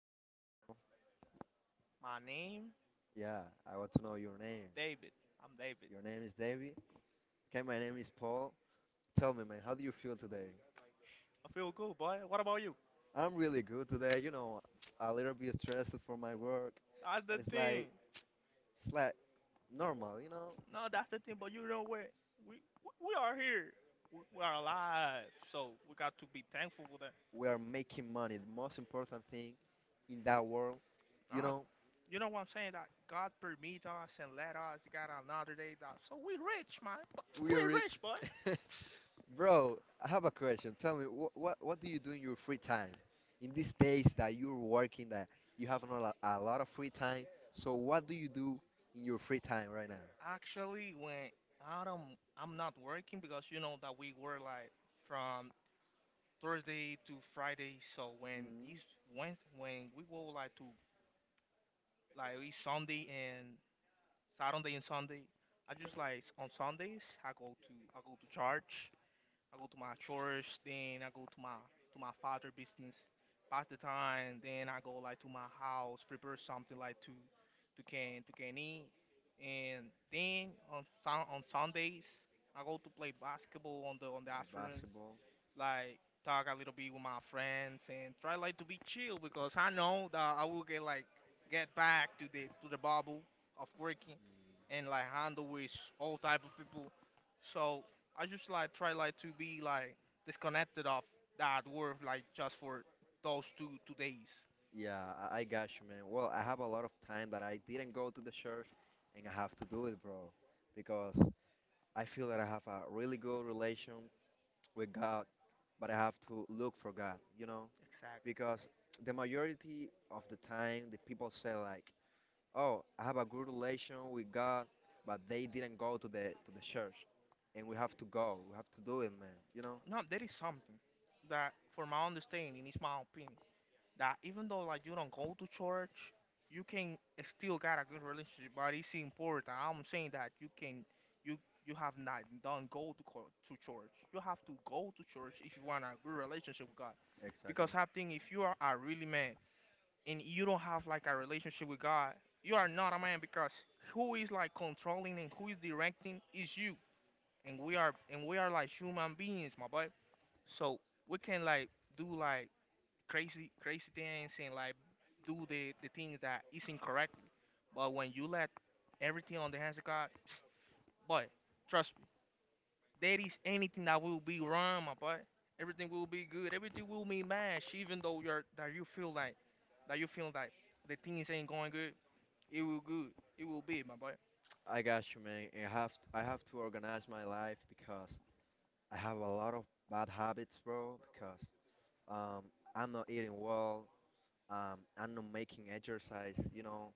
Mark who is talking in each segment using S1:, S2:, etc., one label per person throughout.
S1: could
S2: What's
S1: hear
S2: your
S1: you.
S2: name, bro?
S1: My name,
S2: Yeah, I want to know your name.
S1: David. I'm David.
S2: Your name is David? Okay, my name is Paul. Tell me, man, how do you feel today?
S1: I feel good, boy. What about you?
S2: I'm really good today. You know, a little bit stressed for my work,
S1: That's the
S2: but it's like
S1: thing.
S2: it's like normal. You know,
S1: No, that's the thing. But you know what? We we are here. We are alive. So we got to be thankful for that.
S2: we are making money. The most important thing in that world, you
S1: Nah,
S2: know.
S1: you know what I'm saying? That God permit us and let us got another day. That so we rich, man. But
S2: We
S1: we
S2: are rich.
S1: rich, boy.
S2: Bro, I have a question. Tell me, what do you do in your free time? In these days that you're working, that you have not a lot of free time. So what do you do in your free time right now?
S1: Actually, when Adam, I'm not working because you know that we were like from Thursday to Friday. So when
S2: Mm,
S1: it's Wednesday, when we go like to like it's Sunday and Saturday and Sunday, I just like on Sundays I go to church, I go to my church, then I go to my father business, pass the time, then I go like to my house, prepare something like to to can eat, and then on Sundays I go to play basketball on the
S2: play
S1: afternoons
S2: basketball.
S1: like talk a little bit with my friends and try like to be chill because I know that I will get like get back to the bubble of working and like handle with all type of people. So I just like try like to be like disconnected of that work like just for those two two days.
S2: Yeah, I got you, man. Well, I have a lot of time that I didn't go to the church, and I have to do it, bro, because I feel that I have a really good relation with God, but I have to look for God, you know?
S1: Exactly.
S2: Because the majority of the time the people say like, oh, I have a good relation with God, but they didn't go to the church, and we have to go, we have to do it, man, you know.
S1: No, that is something that for my understanding is my opinion. That even though like you don't go to church, you can still got a good relationship. But it's important. I'm saying that you can you you have not done go to to church. You have to go to church if you want a good relationship with God.
S2: Exactly.
S1: Because I think if you are a really man and you don't have like a relationship with God, you are not a man because who is like controlling and who is directing is you. And we are like human beings, my boy. So we can like do like crazy crazy things and like do the things that is incorrectly. But when you let everything on the hands of God, boy, trust me, there is anything that will be wrong, my boy. Everything will be good. Everything will be matched, even though you're that you feel like that you feel like the things ain't going good. It will good. It will be, my boy.
S2: I got you, man. I have I have to organize my life because I have a lot of bad habits, bro, because um I'm not eating well. I'm not making exercise, you know.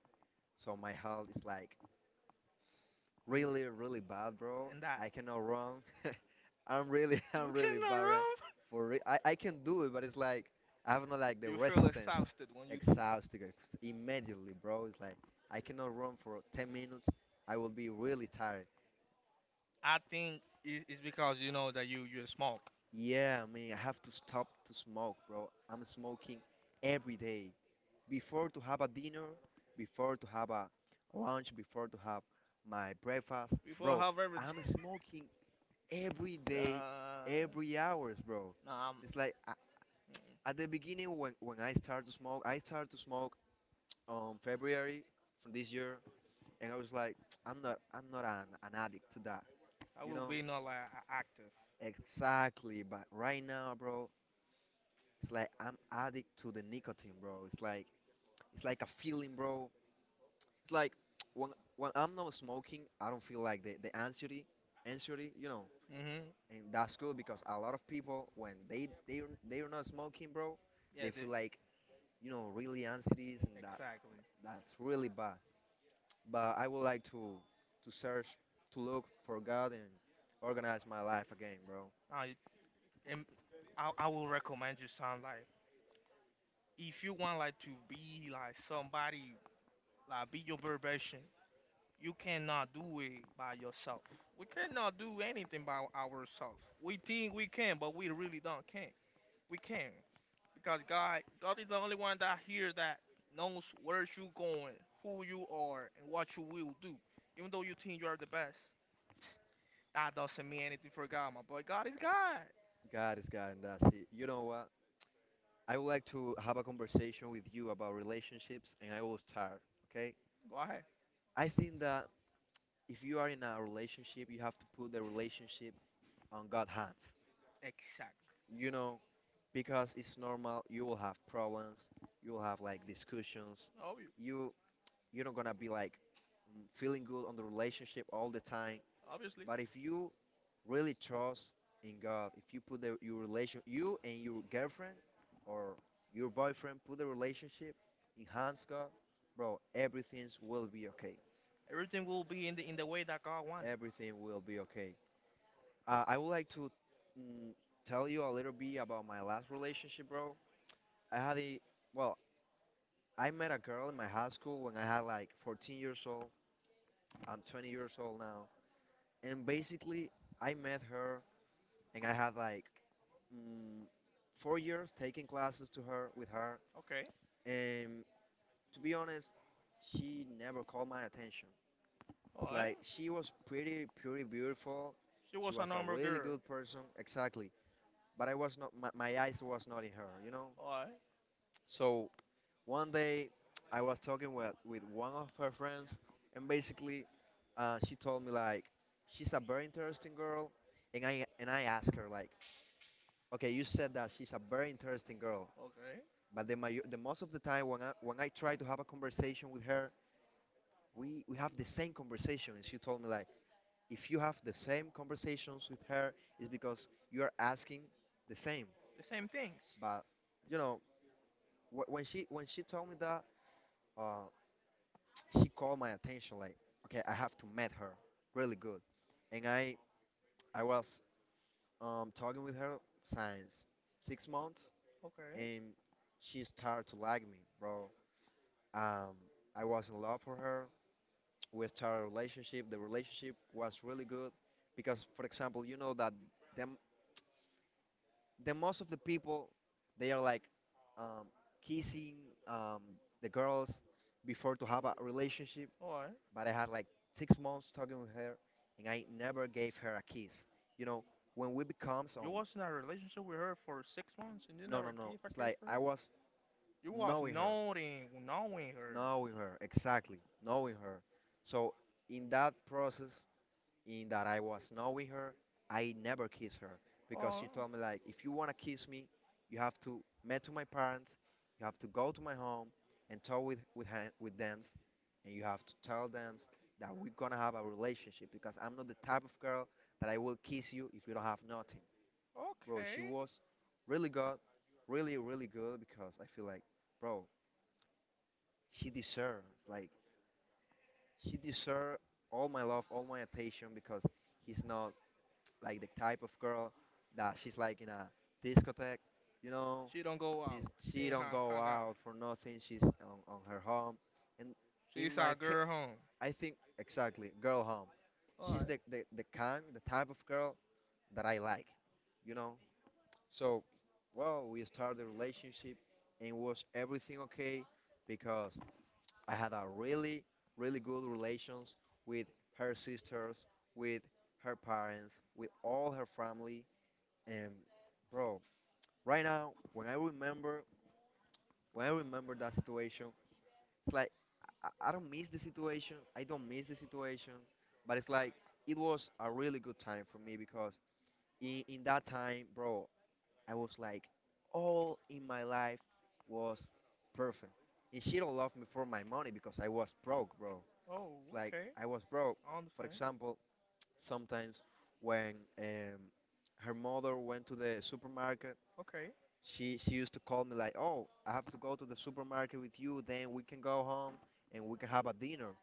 S2: So my health is like
S1: And,
S2: really really bad, bro.
S1: and that
S2: I cannot run. I'm really
S1: you
S2: I'm really
S1: cannot
S2: bad, right?
S1: run.
S2: For I, can do it, but it's like I have not like the
S1: You feel
S2: resistance.
S1: exhausted when you do.
S2: Exhausted, immediately, bro. It's like I cannot run for 10 minutes. I will be really tired.
S1: I think it's because you know that you smoke.
S2: Yeah, I mean, I have to stop to smoke, bro. I'm smoking every day before to have a dinner, before to have a lunch, before to have my breakfast,
S1: Before,
S2: bro.
S1: however,
S2: I'm smoking every day,
S1: Uh,
S2: every hours, bro.
S1: no, I'm.
S2: It's like at
S1: mm,
S2: the beginning when I started to smoke, I started to smoke on February from this year, and I was like, I'm not an addict to that,
S1: I
S2: you
S1: will
S2: know?
S1: be not like active.
S2: Exactly, but right now, bro, it's like I'm addict to the nicotine, bro. It's like a feeling, bro. It's like when I'm not smoking, I don't feel like the anxiety, anxiety, you know.
S1: Mhm.
S2: And that's good because a lot of people when they, they're not smoking, bro,
S1: Yeah.
S2: they feel like, you know, really anxieties, and that,
S1: Exactly.
S2: that's really bad. But I would like to search, to look for God and organize my life again, bro.
S1: I am. I will recommend you some like if you want like to be like somebody like be your very version, you cannot do it by yourself. We cannot do anything by ourselves. We think we can, but we really don't can. We can. Because God is the only one that hears that, knows where you're going, who you are, and what you will do. Even though you think you are the best, that doesn't mean anything for God, my boy. God is God.
S2: God is God, and that's it. You know what? I would like to have a conversation with you about relationships, and I will start. Okay?
S1: Go ahead.
S2: I think that if you are in a relationship, you have to put the relationship on God's hands.
S1: Exactly.
S2: You know, because it's normal, you will have problems, you will have like discussions,
S1: Obvious.
S2: you, you're not gonna be like, mm, feeling good on the relationship all the time,
S1: Obviously,
S2: but if you really trust in God, if you put the, your relation, you and your girlfriend or your boyfriend, put the relationship in hands God, bro, everything will be okay.
S1: everything will be in the way that God wanted.
S2: Everything will be okay. I would like to, mm, tell you a little bit about my last relationship, bro. I had a, well, I met a girl in my high school when I had like 14 years old. I'm 20 years old now. And basically, I met her and I had like, mm, 4 years taking classes to her with her.
S1: Okay.
S2: And to be honest, she never called my attention.
S1: All
S2: It's
S1: right.
S2: like she was pretty, pretty beautiful.
S1: She
S2: She
S1: was a
S2: was a
S1: normal
S2: really
S1: girl.
S2: good person, exactly. But I was not, my eyes was not in her, you know.
S1: All right.
S2: So one day, I was talking with one of her friends, and basically, she told me like, she's a very interesting girl, and I asked her like, okay, you said that she's a very interesting girl,
S1: Okay.
S2: but the the most of the time when I try to have a conversation with her, we have the same conversation, and she told me like, if you have the same conversations with her, it's because you are asking the same.
S1: The same things.
S2: But you know, when she told me that. Uh, She called my attention like, okay, I have to meet her really good. And I was talking with her since 6 months,
S1: Okay.
S2: and she started to like me, bro. Um, I was in love for her. We started a relationship. The relationship was really good because, for example, you know that the, the most of the people, they are like, um, kissing, um, the girls before to have a relationship,
S1: All right.
S2: but I had like 6 months talking with her, and I never gave her a kiss. You know, when we become some,
S1: You was in a relationship with her for 6 months and you
S2: no,
S1: never
S2: no, no.
S1: give a
S2: It's
S1: kiss
S2: like
S1: for
S2: I
S1: her.
S2: was
S1: You was
S2: knowing her,
S1: noting, knowing her.
S2: knowing her, exactly, knowing her. So in that process, in that I was knowing her, I never kissed her because
S1: Oh,
S2: she told me like, if you wanna kiss me, you have to meet to my parents, you have to go to my home and talk with with them, and you have to tell them that we're gonna have a relationship because I'm not the type of girl that I will kiss you if you don't have nothing, bro. She
S1: okay.
S2: was really good, really really good, because I feel like, bro, she deserves like she deserves all my love, all my attention, because he's not like the type of girl that she's like in a discotheque, you know.
S1: She don't go
S2: She's,
S1: out. She
S2: she
S1: ain't
S2: don't
S1: hang,
S2: go
S1: hang out.
S2: out for nothing. She's on her home, and in
S1: She's
S2: my
S1: our
S2: case,
S1: girl home.
S2: I think exactly girl home. She's
S1: Alright.
S2: the kind, the type of girl that I like, you know. So, well, we started the relationship, and was everything okay? Because I had a really really good relations with her sisters, with her parents, with all her family, and bro, right now when I remember that situation, it's like I don't miss the situation. I don't miss the situation, but it's like it was a really good time for me, because in that time, bro, I was like, all in my life was perfect. And she don't love me for my money, because I was broke, bro.
S1: Oh,
S2: It's like
S1: okay.
S2: I was broke.
S1: I
S2: For
S1: understand.
S2: example, sometimes when, her mother went to the supermarket,
S1: Okay.
S2: she used to call me like, "Oh, I have to go to the supermarket with you. Then we can go home and we can have a dinner."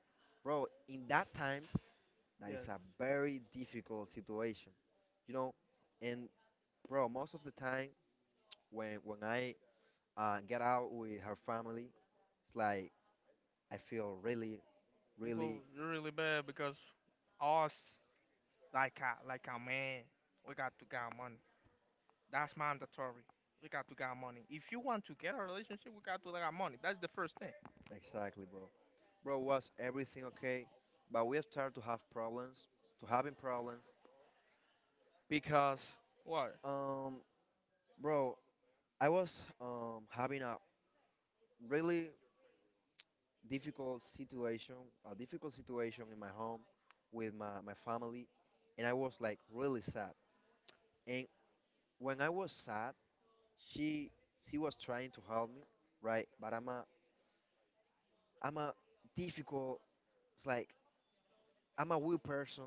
S2: Bro, in that times, that is
S1: Yes.
S2: a very difficult situation, you know. And bro, most of the time when I, get out with her family, it's like I feel really,
S1: You feel
S2: really,
S1: you really bad because us, like a man, we got to get money. That's mandatory. We got to get money. If you want to get a relationship, we got to get money. That's the first thing.
S2: exactly, bro. Bro, was everything okay? But we start to have problems, to having problems, because
S1: Why?
S2: um, bro, I was, having a really difficult situation, a difficult situation in my home with my family, and I was like really sad. And when I was sad, she she was trying to help me, right? But I'm a difficult, it's like I'm a weird person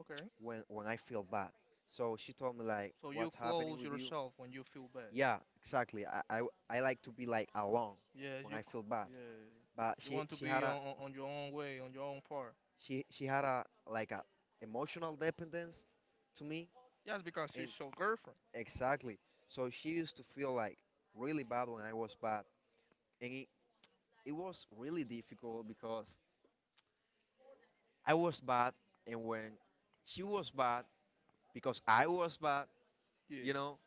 S1: Okay.
S2: when I feel bad. So she told me like,
S1: So you
S2: what's happening
S1: close
S2: with you?
S1: yourself when you feel bad.
S2: Yeah, exactly. I like to be like alone
S1: Yes.
S2: when I feel bad.
S1: Yeah.
S2: But
S1: You want to
S2: she
S1: be
S2: had a,
S1: on your own way, on your own part.
S2: she had a like a emotional dependence to me,
S1: Just because she's
S2: and
S1: your girlfriend.
S2: exactly, so she used to feel like really bad when I was bad, and it was really difficult because I was bad, and when she was bad because I was bad, you
S1: Yeah.
S2: know,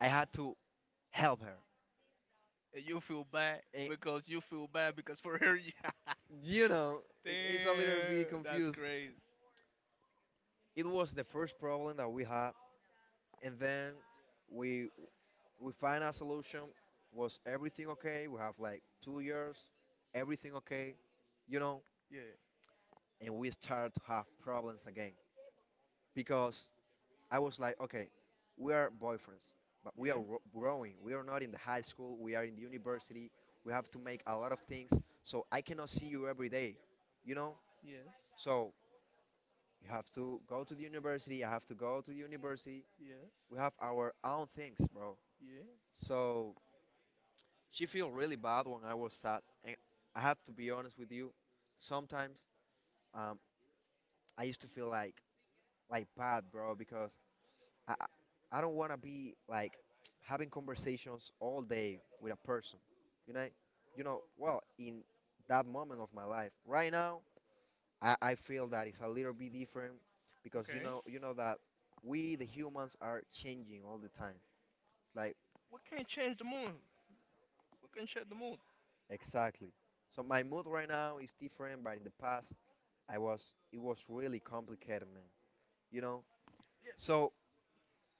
S2: I had to help her.
S1: And you feel bad
S2: And
S1: because for her, yeah.
S2: you know, it's a little bit
S1: Damn, that's
S2: confused.
S1: crazy.
S2: It was the first problem that we had, and then we we find a solution. Was everything okay? We have like 2 years, everything okay, you know,
S1: Yeah.
S2: and we start to have problems again, because I was like, okay, we are boyfriends, but we are
S1: Yeah.
S2: growing. We are not in the high school. We are in the university. We have to make a lot of things. So I cannot see you every day, you know.
S1: Yes.
S2: So you have to go to the university. I have to go to the university.
S1: Yes.
S2: We have our own things, bro.
S1: Yeah.
S2: So she feel really bad when I was sad, and I have to be honest with you. Sometimes, um, I used to feel like bad, bro, because I don't wanna be like having conversations all day with a person, you know, you know. Well, in that moment of my life, right now, I feel that it's a little bit different because
S1: Okay.
S2: you know that we the humans are changing all the time. Like
S1: We can't change the mood. We can change the mood.
S2: exactly. So my mood right now is different, but in the past. I was it was really complicated, man. You know? So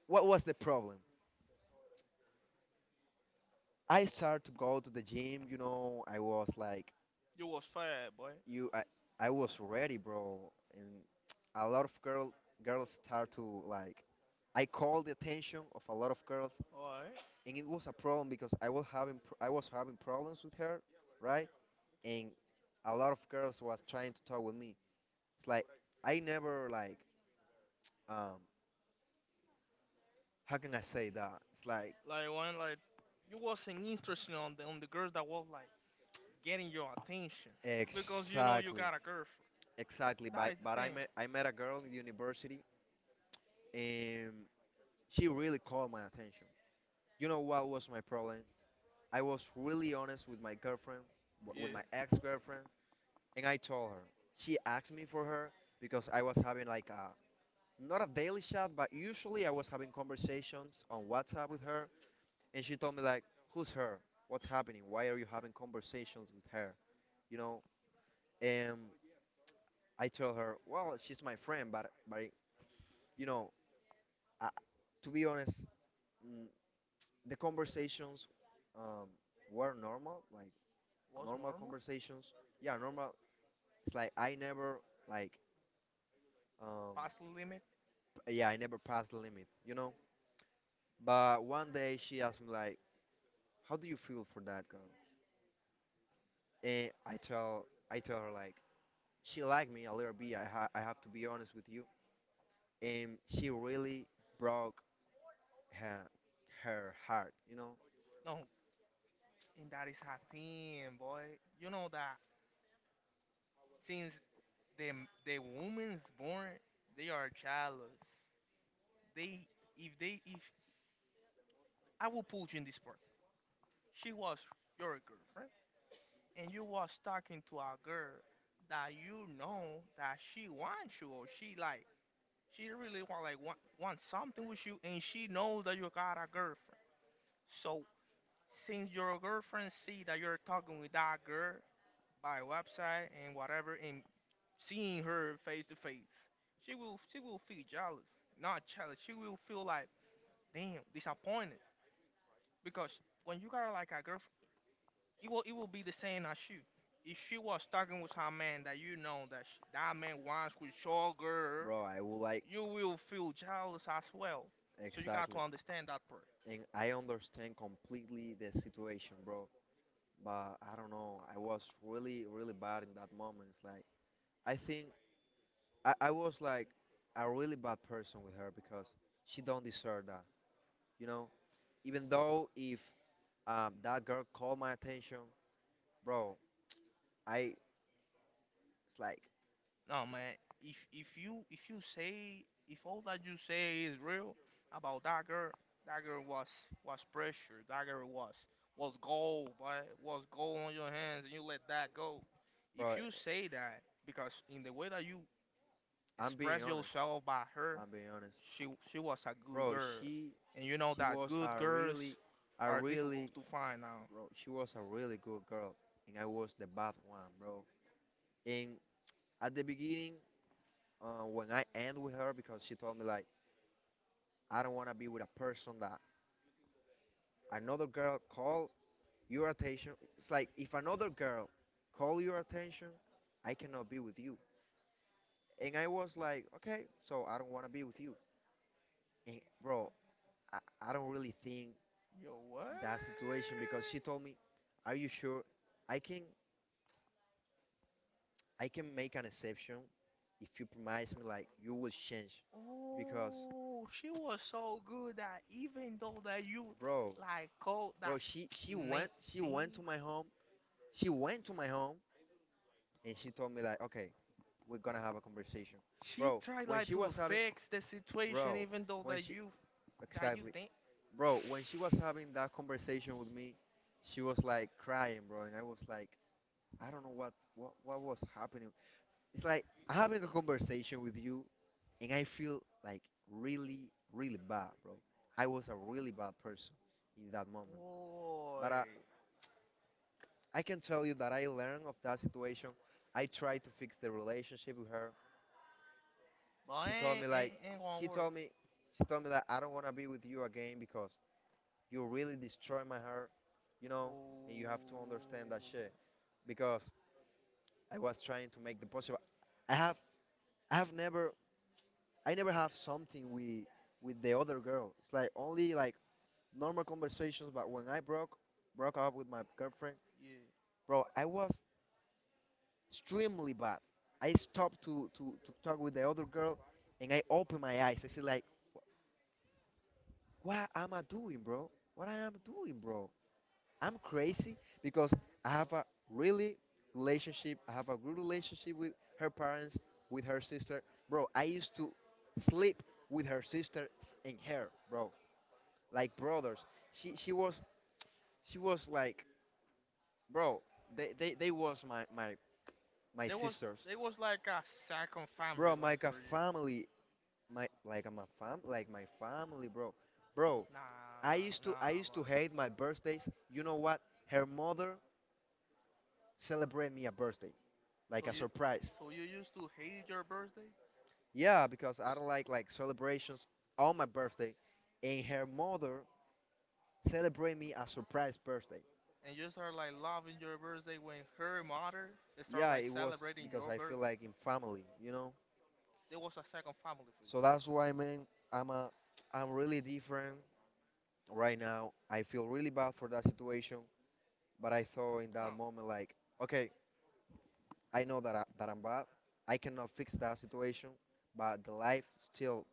S2: what was the problem? I started to go to the gym, you know, I was like
S1: You was fire, boy.
S2: you I was ready, bro. And a lot of girl girls start to like I called the attention of a lot of girls
S1: Alright.
S2: and it was a problem because I was having I was having problems with her, right? And a lot of girls was trying to talk with me. It's like I never like um how can I say that? It's like
S1: Like one, like you wasn't interested on the girls that was like getting your attention because you know you
S2: exactly.
S1: got a girlfriend.
S2: Exactly,
S1: That
S2: but
S1: is the
S2: but I
S1: thing.
S2: met I met a girl in university, and she really caught my attention. You know what was my problem? I was really honest with my girlfriend, with
S1: Yeah.
S2: my ex-girlfriend, and I told her. She asked me for her because I was having like a not a daily chat, but usually I was having conversations on WhatsApp with her, and she told me like, "Who's her? What's happening? Why are you having conversations with her?" You know, and I told her, "Well, she's my friend, but you know." uh, to be honest, mm, the conversations um, were normal, like
S1: Was
S2: normal
S1: normal?
S2: conversations. Yeah, normal. It's like I never like um,
S1: Past the limit?
S2: yeah, I never passed the limit, you know. But one day she asked me like, "How do you feel for that girl?" And I tell her like, she liked me a little bit. I have to be honest with you, and she really broke her her heart, you know,
S1: No, and that is a thing, boy. You know that since the the woman's born, they are jealous. They if I will put you in this part. She was your girlfriend, and you was talking to a girl that you know that she wants you, or she like she really want like want something with you, and she knows that you got a girlfriend. So since your girlfriend see that you're talking with that girl by website and whatever, and seeing her face to face, she will feel jealous, not jealous. She will feel like damn disappointed because when you got like a girlfriend, it will be the same as you. If she was talking with her man that you know that she, that man wants with your girl,
S2: bro. I would like
S1: you will feel jealous as well. So you got to
S2: exactly.
S1: understand that part.
S2: And I understand completely the situation, bro. But I don't know. I was really, really bad in that moment. It's like I think I was like a really bad person with her because she don't deserve that. You know, even though if that girl called my attention, bro, I it's like,
S1: No, man. If you if you say if all that you say is real about that girl was pressure. That girl was gold, but was gold on your hands, and you let that go. If
S2: bro,
S1: you say that because in the way that you
S2: I'm being
S1: express
S2: honest.
S1: yourself by her,
S2: I'm being honest,
S1: she she was a good
S2: bro.
S1: girl, and you know
S2: She
S1: that
S2: was
S1: good girls
S2: a
S1: are
S2: really,
S1: difficult to find now.
S2: bro. She was a really good girl, and I was the bad one, bro. And at the beginning when I end with her because she told me like I don't want to be with a person that another girl call your attention. It's like if another girl call your attention, I cannot be with you. And I was like, okay, so I don't want to be with you. And bro, I, I don't really think
S1: Yo, what?
S2: that situation because she told me, are you sure? I can I can make an exception if you promise me like you will change because
S1: Oh, she was so good that even though that you
S2: bro
S1: like called
S2: bro,
S1: that
S2: she
S1: name
S2: went she
S1: thing,
S2: went to my home. She went to my home and she told me like, okay, we're gonna have a conversation,
S1: she
S2: bro.
S1: tried
S2: When
S1: like
S2: she
S1: to
S2: was having,
S1: fix the situation
S2: bro,
S1: even though
S2: when she
S1: that you
S2: exactly,
S1: think
S2: bro, when she was having that conversation with me, she was like crying, bro, and I was like, I don't know what was happening. It's like I'm having a conversation with you, and I feel like really really bad, bro. I was a really bad person in that moment,
S1: boy,
S2: but I can tell you that I learned of that situation. I tried to fix the relationship with her.
S1: but
S2: She told
S1: ain't
S2: me
S1: ain't,
S2: like
S1: ain't gonna
S2: she
S1: work.
S2: told me she told me that I don't want to be with you again because you really destroy my heart, you know, and you have to understand that
S1: Oh,
S2: shit because I was trying to make the possible. I have I have never I never have something with the other girl. It's like only like normal conversations, but when I broke up with my girlfriend,
S1: yeah.
S2: bro, I was extremely bad. I stopped to talk with the other girl and I opened my eyes. I said like what am I doing, bro? What I am doing, bro? I'm crazy because I have a really relationship. I have a good relationship with her parents, with her sister, bro. I used to sleep with her sisters and her, bro, like brothers. She was she was like, bro, they was my my
S1: There was
S2: sisters,
S1: there was like a second family
S2: bro. I'm
S1: like
S2: like a
S1: for you.
S2: family, my like I'm a fam like my family, bro, bro.
S1: Nah, man, nah,
S2: I used to
S1: man.
S2: hate my birthdays. You know what? Her mother celebrate me a birthday, like
S1: So
S2: a
S1: you
S2: surprise.
S1: used to hate your birthday?
S2: Yeah, because I don't like celebrations on my birthday, and her mother celebrate me a surprise birthday.
S1: And you start like loving your birthday when her mother start
S2: Yeah,
S1: like
S2: it was
S1: celebrating
S2: because
S1: your
S2: I feel
S1: birthday.
S2: like in family, you know.
S1: There was a second family for you.
S2: So that's why, man, I'm really different right now. I feel really bad for that situation, but I thought in that
S1: No,
S2: moment like, okay, I know that that I'm bad. I cannot fix that situation, but the life still,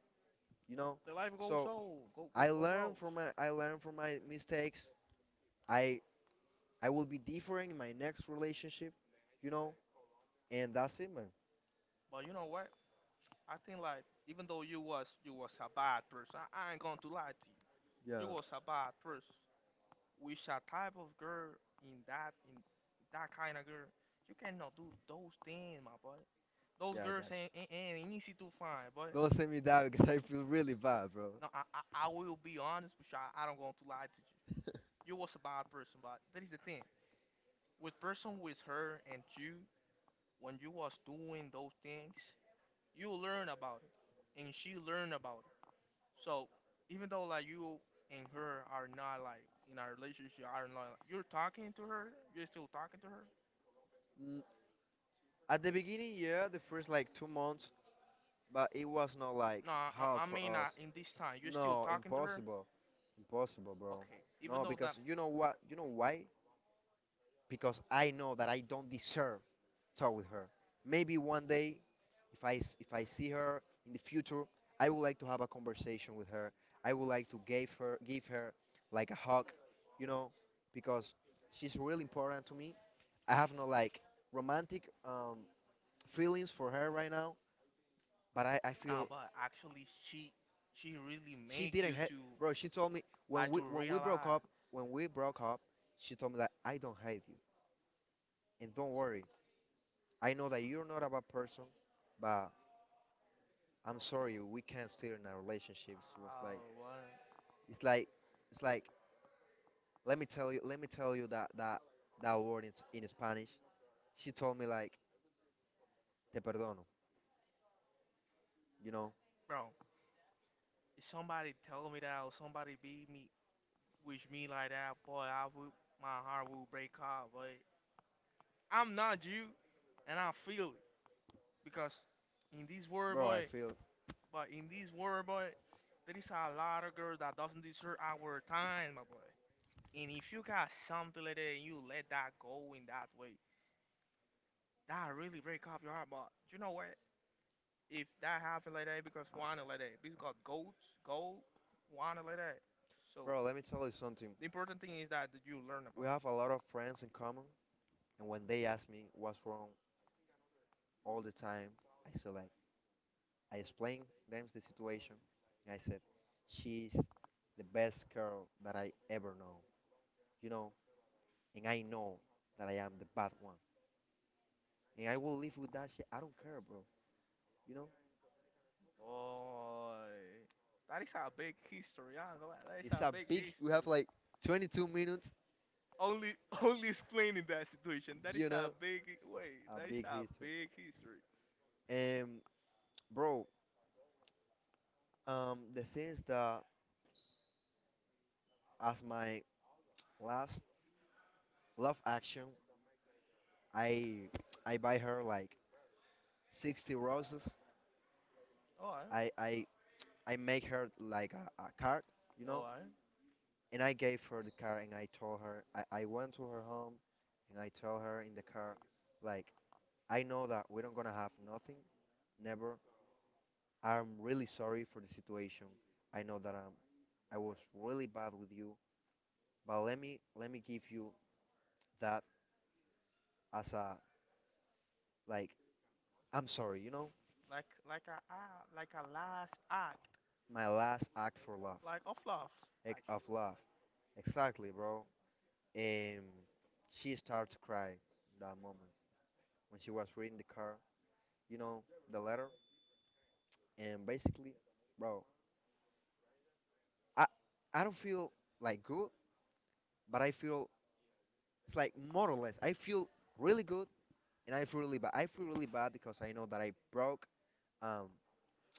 S2: you know.
S1: the life goes
S2: So
S1: on, go go go goes.
S2: I learn from my mistakes. I I will be different in my next relationship, you know. And that's it, man.
S1: But you know what? I think like even though you was a bad person, I ain't going to lie to you. You
S2: Yeah,
S1: was a bad person. With a type of girl in that kind of girl, you cannot do those things, my boy. Those
S2: yeah, I
S1: girls
S2: got
S1: ain't easy to find, but.
S2: you. Don't send me that because I feel really bad, bro.
S1: No, I will be honest with you. I don't going to lie to you. You was a bad person, but that is the thing. With person with her and you, when you was doing those things, you learn about it, and she learn about it. So even though like you and her are not like in our relationship, are not like, you're talking to her, you're still talking to her.
S2: Mm, at the beginning, yeah, the first like 2 months, but it was not like
S1: No, I,
S2: hard
S1: I
S2: for
S1: mean
S2: us.
S1: in this time, you're still no,
S2: No,
S1: talking to her.
S2: impossible, impossible, bro.
S1: Okay, even
S2: No,
S1: though
S2: because
S1: that.
S2: you know what? You know why? Because I know that I don't deserve talk with her. Maybe one day, if if I see her in the future, I would like to have a conversation with her. I would like to give her like a hug, you know, because she's really important to me. I have no like romantic feelings for her right now, but I
S1: Nah,
S2: feel
S1: but actually, she really
S2: she
S1: make
S2: didn't
S1: you
S2: hate.
S1: to
S2: Bro, she told me
S1: like to
S2: when we broke up,
S1: realize.
S2: when we broke up, she told me that I don't hate you and don't worry. I know that you're not a bad person, but I'm sorry, we can't stay in our relationships. It was like,
S1: Oh, what,
S2: it's like, it's like. Let me tell you, let me tell you that that word in Spanish. She told me like, te perdono. You know,
S1: bro? If somebody tell me that or somebody beat me, wish me like that, boy, I would my heart will break out. But I'm not you, and I feel it because in this world,
S2: bro, I
S1: boy,
S2: feel,
S1: but in this world, boy, there is a lot of girls that doesn't deserve our time, my boy. And if you got something like that and you let that go in that way, that really break up your heart. But you know what? If that happen like that, it because wine like that. Because got goats, gold, wine like that. So
S2: bro. Let me tell you something.
S1: the important thing is that you learn
S2: We
S1: about it.
S2: have a lot of friends in common, and when they ask me what's wrong all the time, I say like, I explain them the situation, and I said, she's the best girl that I ever know. You know, and I know that I am the bad one. And I will live with that shit. I don't care, bro. You know,
S1: Boy, that is a big history. I ain't gonna lie. That is
S2: it's
S1: a
S2: a
S1: big
S2: big. We
S1: history.
S2: have like 22 minutes.
S1: Only, only explaining that situation. That is
S2: You
S1: a
S2: know,
S1: big way.
S2: a
S1: That is
S2: big
S1: a
S2: history.
S1: big history.
S2: And bro, the thing is that as my last love action, I I buy her like 60 roses.
S1: All right,
S2: I I I make her like a card, you
S1: all
S2: know,
S1: right.
S2: and I gave her the card and I told her I went to her home and I told her in the car like I know that we don't gonna have nothing never I'm really sorry for the situation. I know that I was really bad with you, but let me give you that as a like I'm sorry, you know,
S1: Like, like a last act,
S2: my last act for love,
S1: like of love,
S2: like of
S1: actually.
S2: love. Exactly, bro. Um, she started to cry in that moment when she was reading the car, you know, the letter, and basically, bro, I I don't feel like good, but I feel it's like more or less I feel really good and I feel really bad. I feel really bad because I know that I broke um,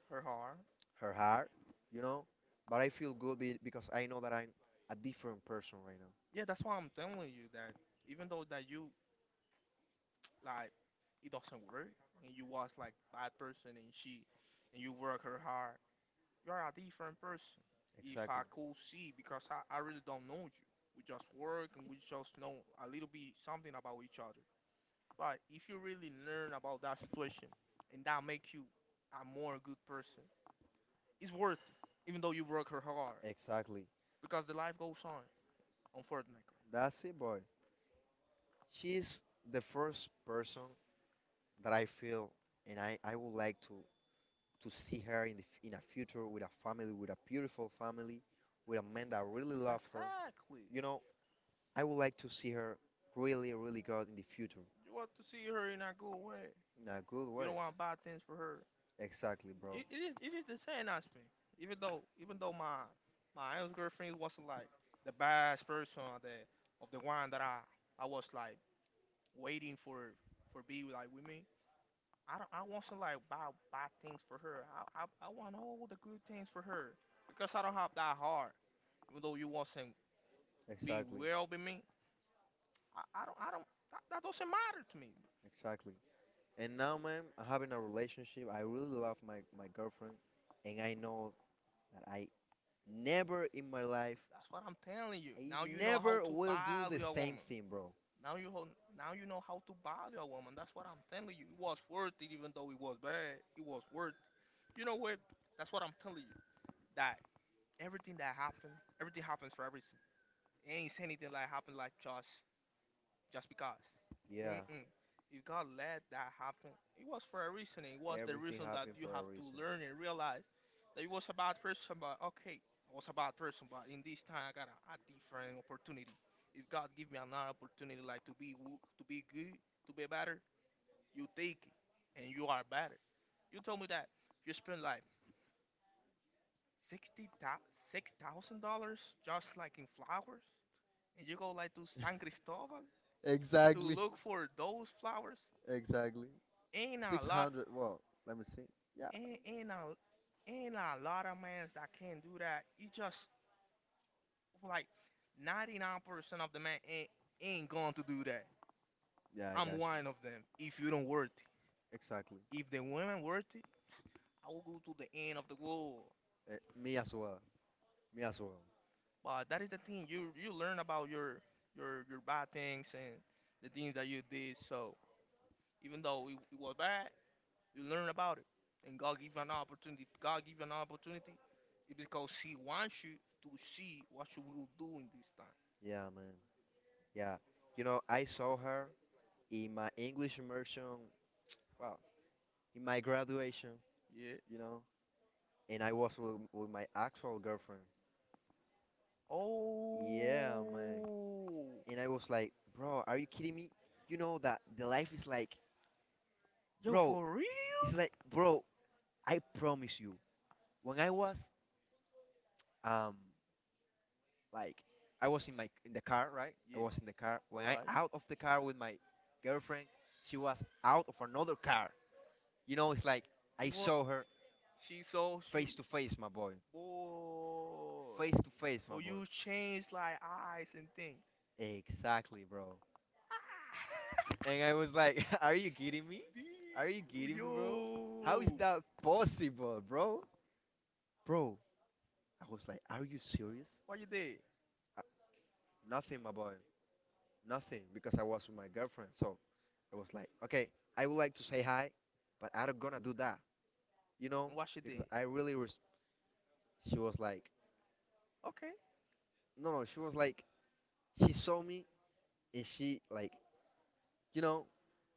S1: Her heart.
S2: her heart, you know. But I feel good because I know that I'm a different person right now.
S1: Yeah, that's why I'm telling you that even though that you like it doesn't work and you was like bad person and she and you work her hard, you're a different person. If I
S2: Exactly,
S1: could see because I really don't know you. We just work and we just know a little bit something about each other. But if you really learn about that situation and that make you a more good person, it's worth it, even though you work her hard.
S2: exactly.
S1: Because the life goes on, unfortunately.
S2: That's it, boy. She's the first person that I feel, and I would like to see her in the, in a future with a family, with a beautiful family, with a man that really love her.
S1: Exactly.
S2: You know, I would like to see her really, really good in the future
S1: You want to see her and not go away.
S2: in a good
S1: You
S2: way.
S1: don't want to buy things for her.
S2: Exactly, bro.
S1: It is the same aspect. Even though my ex girlfriend was like the best person of the one that I was like waiting for be like with me. I wasn't like buy things for her. I want all the good things for her because I don't have that heart. Even though you wasn't be
S2: Exactly.
S1: well with me, I don't that, that doesn't matter to me.
S2: Exactly. And now, man, having a relationship, I really love my, my girlfriend, and I know that I never in my life,
S1: That's what I'm telling you.
S2: I
S1: Now you know how
S2: never
S1: to
S2: will do
S1: bother
S2: the
S1: your
S2: same
S1: woman.
S2: thing, bro.
S1: Now you know how to bother your woman. That's what I'm telling you. It was worth it, even though it was bad. It was worth. It. You know what? That's what I'm telling you. That everything that happened, everything happens for everything. It ain't anything like happened like just because.
S2: Yeah,
S1: Mm-mm. You can't let that happen. It was for a reason. It was the
S2: everything
S1: reason that
S2: happened
S1: you
S2: for a
S1: have to
S2: reason.
S1: learn and realize that it was a bad person, but okay, I was a bad person, but in this time I got a different opportunity. If God give me another opportunity, like to be good, to be better, you take it, and you are better. You told me that you spend like $66,000 just like in flowers, and you go like to San Cristobal to
S2: Exactly,
S1: look for those flowers.
S2: exactly.
S1: Ain't a lot,
S2: 600, well, let me see. Yeah,
S1: ain't a lot of mans that can do that. You just like 99% of the men ain't going to do that.
S2: yeah, I
S1: I'm
S2: got you.
S1: one of them. If you don't worth it,
S2: Exactly.
S1: if the women worth it, I will go to the end of the world.
S2: Eh, me as well. Me as well.
S1: But that is the thing you learn about your bad things and the things that you did. So even though it was bad, you learn about it, and God give you an opportunity. If God give you an opportunity, it's because He wants you to see what you will do in this time.
S2: Yeah, man. Yeah. You know, I saw her in my English immersion, well, in my graduation,
S1: Yeah.
S2: you know. And I was with my actual girlfriend. Yeah, man.
S1: Oh.
S2: And I was like, bro, are you kidding me? You know that the life is like,
S1: Yo,
S2: bro,
S1: for real?
S2: it's like, bro, I promise you. When I was, um, like, I was in my in the car, right? I
S1: Yeah.
S2: was in the car. When I
S1: Alright.
S2: out of the car with my girlfriend, she was out of another car. You know, it's like I
S1: It was.
S2: saw her
S1: She saw you.
S2: face to face, my boy.
S1: Boy.
S2: Face to face, my
S1: So
S2: boy.
S1: you changed like eyes and things.
S2: Exactly, bro. And I was like, are you kidding me? Are you kidding me, bro? How is
S1: Yo.
S2: that possible, bro? Bro, I was like, are you serious?
S1: What you did?
S2: Uh, nothing, my boy. Nothing. Because I was with my girlfriend. So I was like, okay, I would like to say hi, but I do not gonna do that, you know?
S1: And what she
S2: Because
S1: did?
S2: I really she was like,
S1: Okay.
S2: No, no, she was like, she saw me and she, like, you know,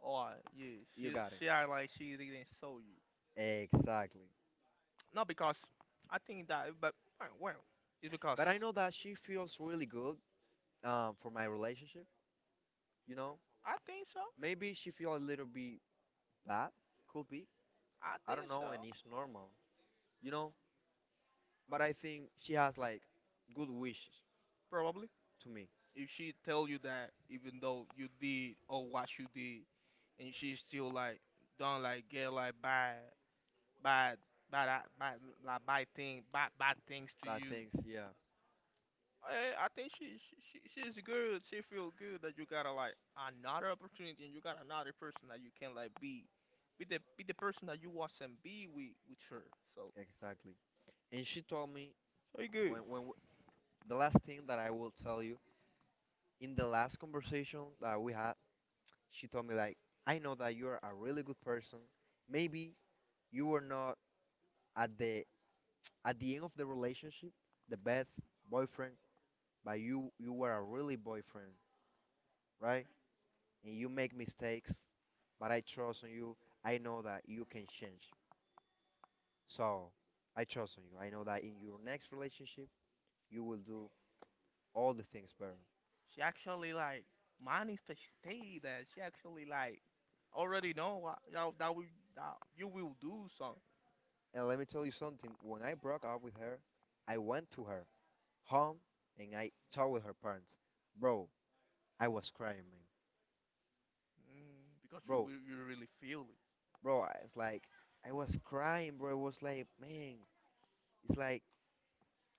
S1: Or yeah,
S2: you
S1: she
S2: got it.
S1: she act like she didn't saw you.
S2: Exactly.
S1: Not because I think that, but well, it's because
S2: But I know that she feels really good for my relationship, you know?
S1: I think so.
S2: Maybe she feel a little bit bad. Could be.
S1: I
S2: I don't
S1: think
S2: know, and
S1: so.
S2: it's normal, you know. But I think she has like good wishes
S1: Probably.
S2: to me.
S1: If she tell you that, even though you did or what you did, and she still like don't like get like bad, bad, like bad thing, bad things to
S2: But
S1: you.
S2: thanks, yeah,
S1: I think she's good. She feel good that you gotta like another opportunity and you got another person that you can like be the person that you was and be with her. So
S2: exactly. And she told me
S1: so you good.
S2: when when w- the last thing that I will tell you in the last conversation that we had, she told me like, I know that you are a really good person. Maybe you were not at the at the end of the relationship the best boyfriend, but you were a really boyfriend, right? And you make mistakes but I trust on you. I know that you can change. So I trust on you. I know that in your next relationship, you will do all the things better.
S1: She actually like manifested that she actually like already know what that, that we that you will do. So
S2: And let me tell you something when I broke up with her, I went to her home and I talked with her parents. Bro, I was crying, man.
S1: mm, because you
S2: Bro,
S1: will you really feel it.
S2: it's like, I was crying, bro. It was like, man, it's like,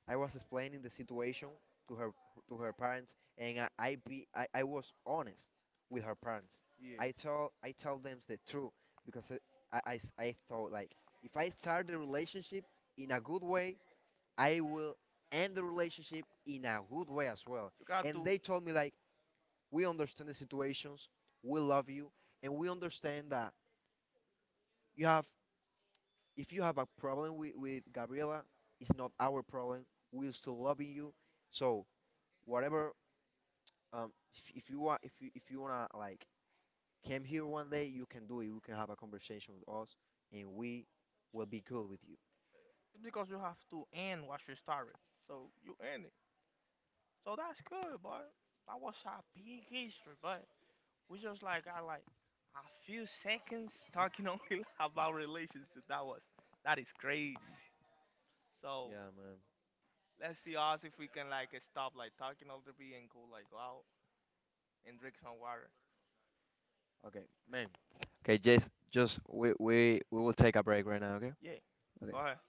S2: I was explaining the situation to her to her parents, and I was honest with her parents.
S1: Yes,
S2: I tell them the truth because I thought like if I start the relationship in a good way, I will end the relationship in a good way as well.
S1: you got
S2: And
S1: to
S2: they told me like we understand the situations, we love you, and we understand that you have if you have a problem with Gabriela, it's not our problem. We're still loving you. So whatever um, if you want, if you wanna like come here one day, you can do it. You can have a conversation with us, and we will be good with you.
S1: because you have to end what you started. So you end it. So that's good, boy. That was a big history, but we just like got like a few seconds talking only about relationship. That is crazy. So
S2: Yeah, man.
S1: let's see us if we can like stop like talking all the bit and go like go out and drink some water.
S2: Okay, man. Okay, just we will take a break right now. Okay.
S1: Yeah,
S2: Okay.
S1: go ahead.